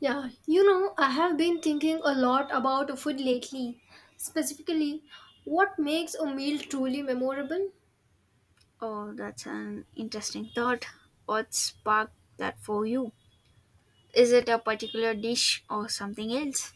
Yeah, you know, I have been thinking a lot about food lately. Specifically, what makes a meal truly memorable? Oh, that's an interesting thought. What sparked that for you? Is it a particular dish or something else?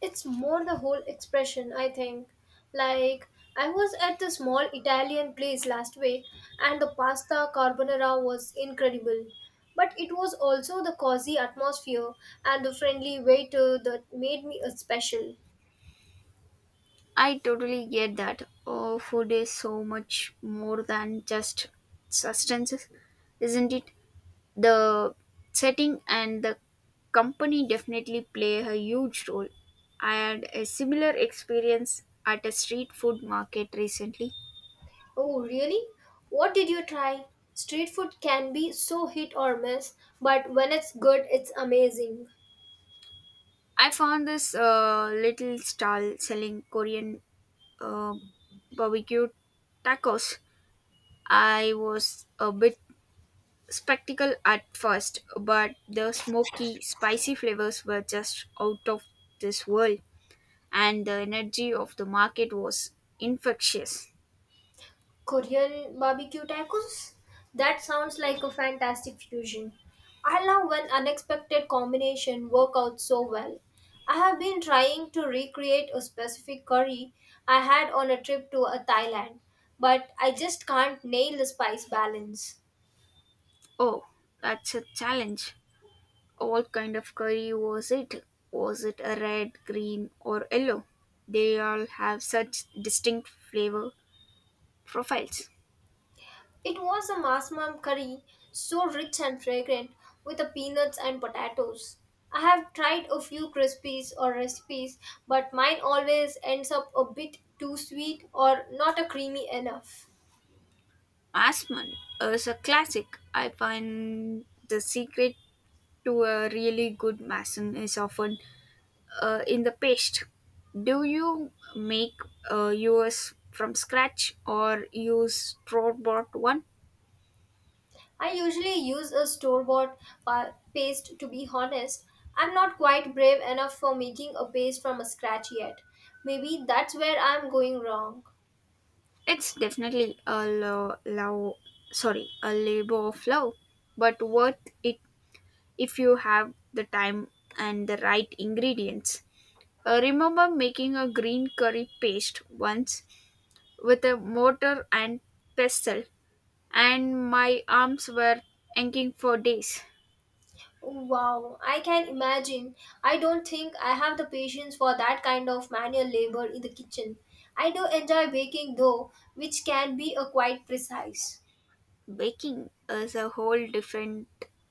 It's more the whole expression, I think. Like, I was at the small Italian place last week and the pasta carbonara was incredible. But it was also the cozy atmosphere and the friendly waiter that made me a special. I totally get that. Oh, food is so much more than just substances, isn't it? The setting and the company definitely play a huge role. I had a similar experience at a street food market recently. Oh, really? What did you try? Street food can be so hit or miss, but when it's good, it's amazing. I found this little stall selling Korean uh, barbecue tacos. I was a bit skeptical at first, but the smoky, spicy flavors were just out of this world, and the energy of the market was infectious. Korean barbecue tacos? That sounds like a fantastic fusion. I love when unexpected combination work out so well. I have been trying to recreate a specific curry I had on a trip to Thailand, but I just can't nail the spice balance. Oh, that's a challenge. What kind of curry was it? Was it a red, green, or yellow? They all have such distinct flavor profiles. It was a masmam curry, so rich and fragrant, with the peanuts and potatoes. I have tried a few crispies or recipes, but mine always ends up a bit too sweet or not a creamy enough. Asman is a classic. I find the secret to a really good mason is often in the paste. Do you make yours from scratch or use store bought one? I usually use a store-bought paste to be honest. I'm not quite brave enough for making a paste from a scratch yet. Maybe that's where I'm going wrong. It's definitely a love, sorry, a labor of love, but worth it if you have the time and the right ingredients. Remember making a green curry paste once with a mortar and pestle, and my arms were aching for days. Wow, I can imagine. I don't think I have the patience for that kind of manual labor in the kitchen. I do enjoy baking though, which can be a quite precise. Baking is a whole different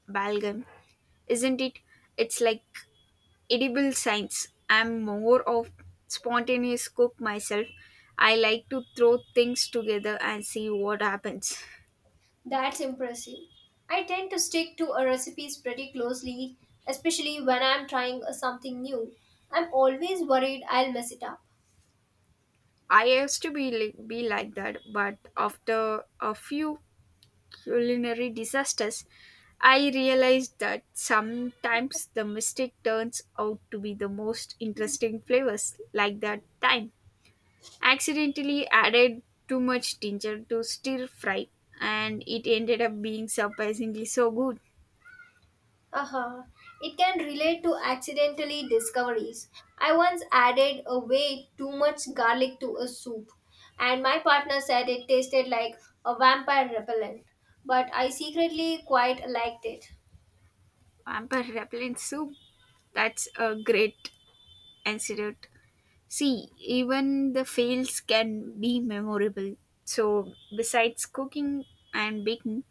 ballgame, isn't it? It's like edible science. I'm more of spontaneous cook myself. I like to throw things together and see what happens. That's impressive. I tend to stick to a recipes pretty closely, especially when I'm trying something new. I'm always worried I'll mess it up. I used to be like that, but after a few culinary disasters, I realized that sometimes the mistake turns out to be the most interesting flavors, like that time. Accidentally added too much ginger to stir fry, and it ended up being surprisingly so good. Uh-huh. It can relate to accidentally discoveries. I once added a way too much garlic to a soup, and my partner said it tasted like a vampire repellent, but I secretly quite liked it. Vampire repellent soup. That's a great antidote. See, even the fails can be memorable. So, besides cooking and baking,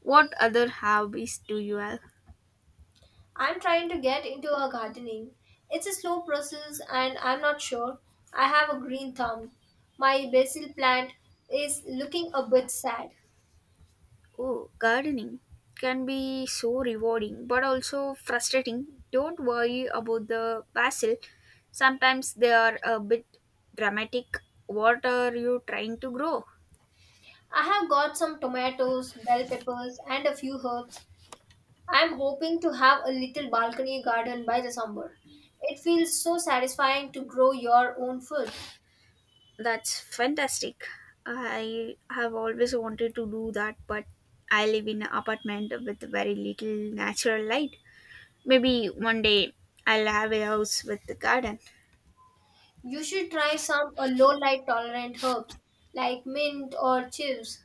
what other hobbies do you have? I'm trying to get into a gardening. It's a slow process, and I'm not sure I have a green thumb. My basil plant is looking a bit sad. Oh, gardening can be so rewarding but also frustrating. Don't worry about the basil. Sometimes they are a bit dramatic. What are you trying to grow? I have got some tomatoes, bell peppers, and a few herbs. I'm hoping to have a little balcony garden by the summer. It feels so satisfying to grow your own food. That's fantastic. I have always wanted to do that, but I live in an apartment with very little natural light. Maybe one day I'll have a house with a garden. You should try some low light tolerant herbs like mint or chives.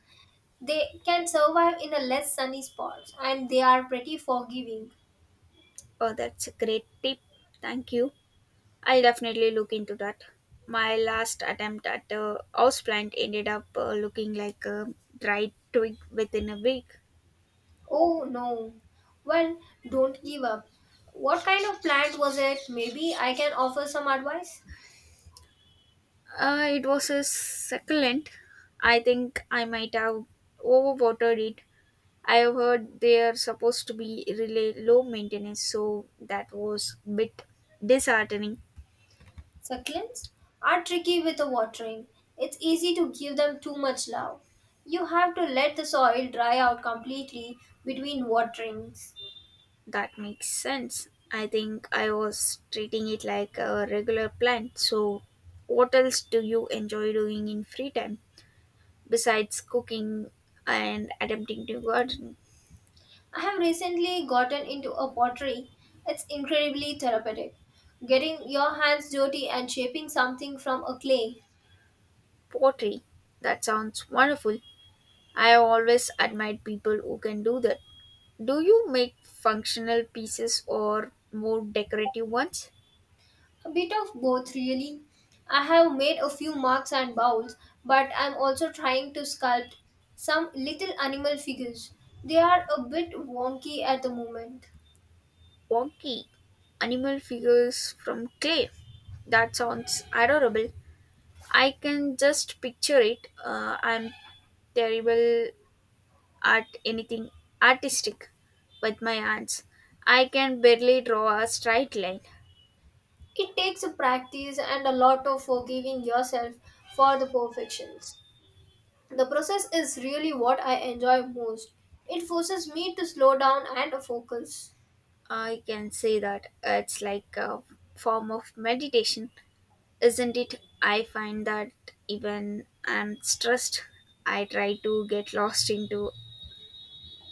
They can survive in a less sunny spots and they are pretty forgiving. Oh, that's a great tip. Thank you. I'll definitely look into that. My last attempt at a houseplant ended up looking like a dried twig within a week. Oh no. Well, don't give up. What kind of plant was it? Maybe I can offer some advice. It was a succulent. I think I might have overwatered it. I have heard they are supposed to be really low maintenance, so that was a bit disheartening. Succulents are tricky with the watering. It's easy to give them too much love. You have to let the soil dry out completely between waterings. That makes sense. I think I was treating it like a regular plant. So, what else do you enjoy doing in free time? Besides cooking and attempting to garden, I have recently gotten into a pottery. It's incredibly therapeutic. Getting your hands dirty and shaping something from a clay. pottery, that sounds wonderful. I have always admired people who can do that. Do you make functional pieces or more decorative ones? A bit of both, really. I have made a few mugs and bowls, but I'm also trying to sculpt some little animal figures. They are a bit wonky at the moment. Wonky animal figures from clay. That sounds adorable. I can just picture it. I'm terrible at anything artistic with my hands. I can barely draw a straight line. It takes a practice and a lot of forgiving yourself for the perfections. The process is really what I enjoy most. It forces me to slow down and focus. I can say that it's like a form of meditation, isn't it? I find that even I'm stressed, I try to get lost into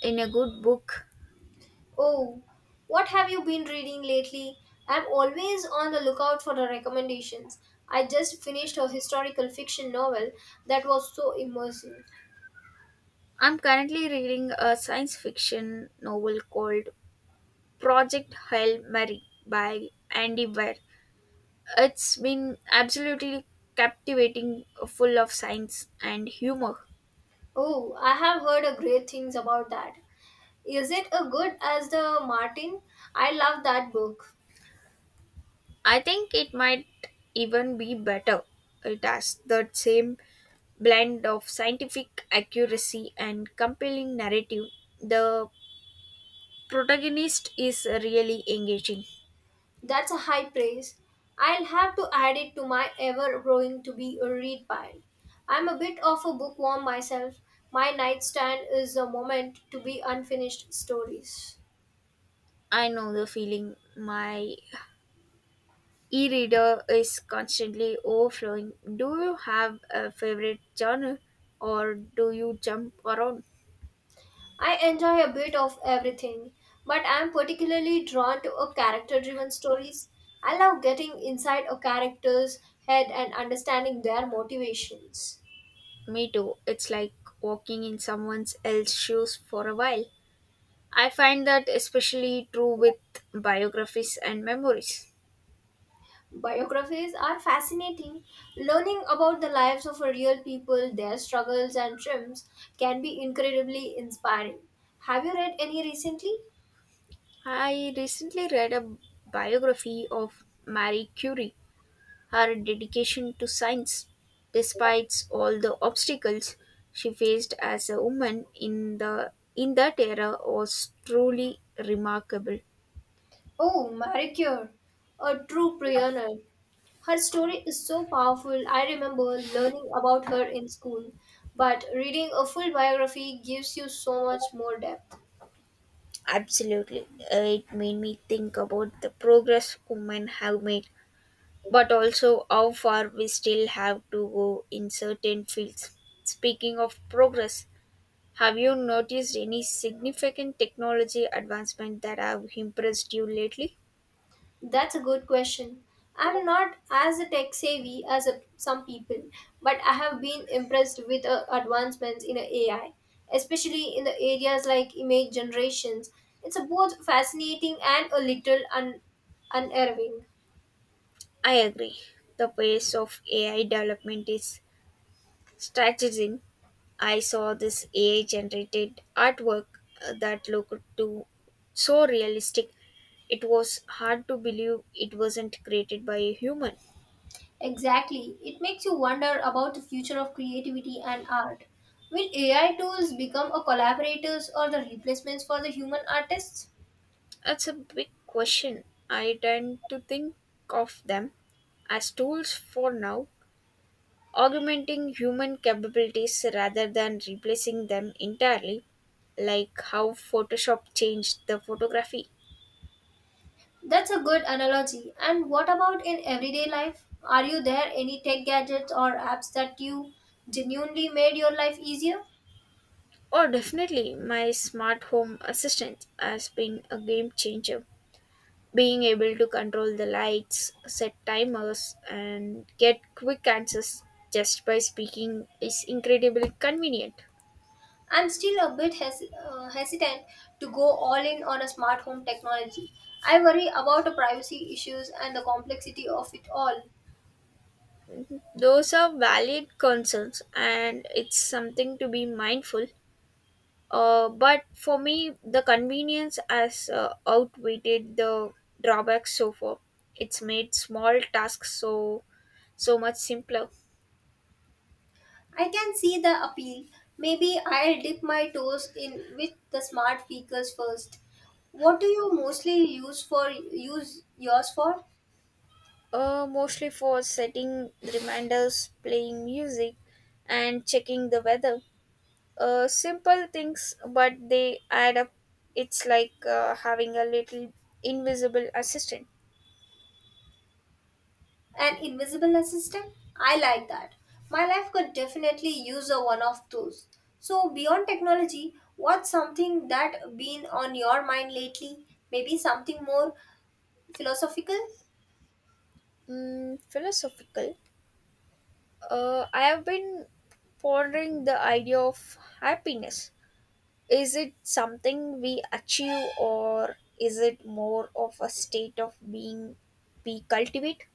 in a good book. Oh, what have you been reading lately? I'm always on the lookout for the recommendations. I just finished a historical fiction novel that was so immersive. I'm currently reading a science fiction novel called Project Hail Mary by Andy Weir. It's been absolutely captivating, full of science and humor. Oh, I have heard a great things about that. Is it a good as the Martin? I love that book. I think it might even be better. It has that same blend of scientific accuracy and compelling narrative, the protagonist is really engaging. That's a high praise. I'll have to add it to my ever growing to be a read pile. I'm a bit of a bookworm myself. My nightstand is a moment to be unfinished stories. I know the feeling. My e reader is constantly overflowing. Do you have a favorite genre or do you jump around? I enjoy a bit of everything, but I'm particularly drawn to a character driven stories. I love getting inside a character's head and understanding their motivations. Me too. It's like walking in someone else's shoes for a while. I find that especially true with biographies and memories. Biographies are fascinating. Learning about the lives of real people, their struggles and triumphs, can be incredibly inspiring. Have you read any recently? I recently read a biography of Marie Curie. Her dedication to science, despite all the obstacles she faced as a woman in the in that era, was truly remarkable. Oh, Marie Curie, a true pioneer. Her story is so powerful. I remember learning about her in school, but reading a full biography gives you so much more depth. Absolutely. It made me think about the progress women have made, but also how far we still have to go in certain fields. Speaking of progress, have you noticed any significant technology advancement that have impressed you lately? That's a good question. I'm not as tech savvy as a, some people, but I have been impressed with advancements in AI, especially in the areas like image generations. It's a both fascinating and a little unnerving. I agree. The pace of AI development is staggering. I saw this AI generated artwork that looked to so realistic. It was hard to believe it wasn't created by a human. Exactly. It makes you wonder about the future of creativity and art. Will AI tools become a collaborators or the replacements for the human artists? That's a big question. I tend to think of them as tools for now, augmenting human capabilities rather than replacing them entirely, like how Photoshop changed the photography. That's a good analogy. And what about in everyday life? Are you there any tech gadgets or apps that you genuinely made your life easier? Oh, definitely, my smart home assistant has been a game changer. Being able to control the lights, set timers, and get quick answers just by speaking is incredibly convenient. I'm still a bit hesitant to go all in on a smart home technology. I worry about the privacy issues and the complexity of it all. Those are valid concerns, and it's something to be mindful. But for me, the convenience has outweighed the drawbacks so far. It's made small tasks so much simpler. I can see the appeal. Maybe I'll dip my toes in with the smart speakers first. What do you mostly use for use yours for? Mostly for setting reminders, playing music, and checking the weather. Simple things, but they add up. It's like having a little invisible assistant. An invisible assistant? I like that. My life could definitely use a one of those. So, beyond technology, what's something that been on your mind lately? Maybe something more philosophical? Philosophical. I have been pondering the idea of happiness. Is it something we achieve or is it more of a state of being we cultivate?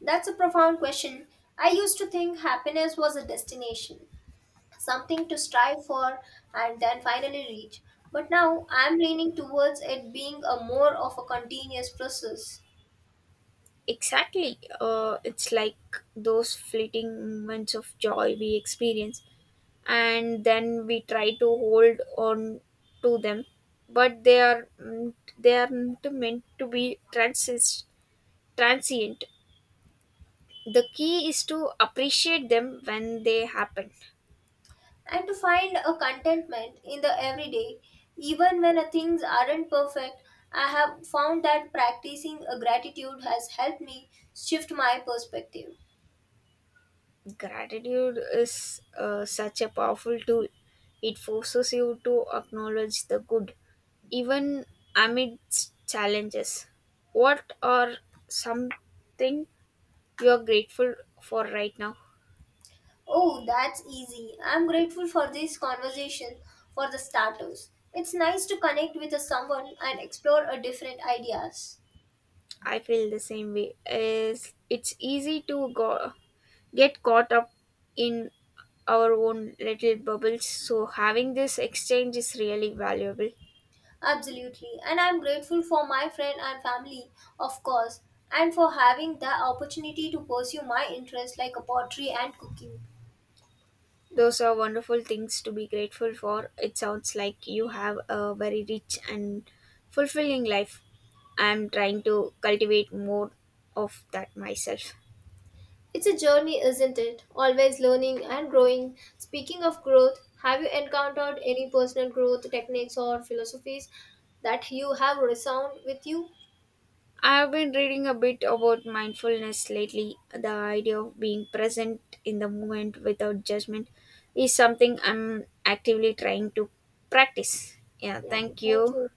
That's a profound question. I used to think happiness was a destination, something to strive for and then finally reach. But now I'm leaning towards it being a more of a continuous process. Exactly. It's like those fleeting moments of joy we experience, and then we try to hold on to them, but they are not meant to be transient. The key is to appreciate them when they happen. And to find a contentment in the everyday, even when things aren't perfect. I have found that practicing a gratitude has helped me shift my perspective. Gratitude is such a powerful tool. It forces you to acknowledge the good, even amidst challenges. What are something you are grateful for right now? Oh, that's easy. I'm grateful for this conversation. For the starters, it's nice to connect with someone and explore a different ideas. I feel the same way. Is it's easy to go get caught up in our own little bubbles. So having this exchange is really valuable. Absolutely, and I'm grateful for my friend and family, of course, and for having the opportunity to pursue my interests like pottery and cooking. Those are wonderful things to be grateful for. It sounds like you have a very rich and fulfilling life. I'm trying to cultivate more of that myself. It's a journey, isn't it? Always learning and growing. Speaking of growth, have you encountered any personal growth techniques or philosophies that you have resound with you? I have been reading a bit about mindfulness lately. The idea of being present in the moment without judgment is something I'm actively trying to practice. Yeah, Yeah, thank thank you. you.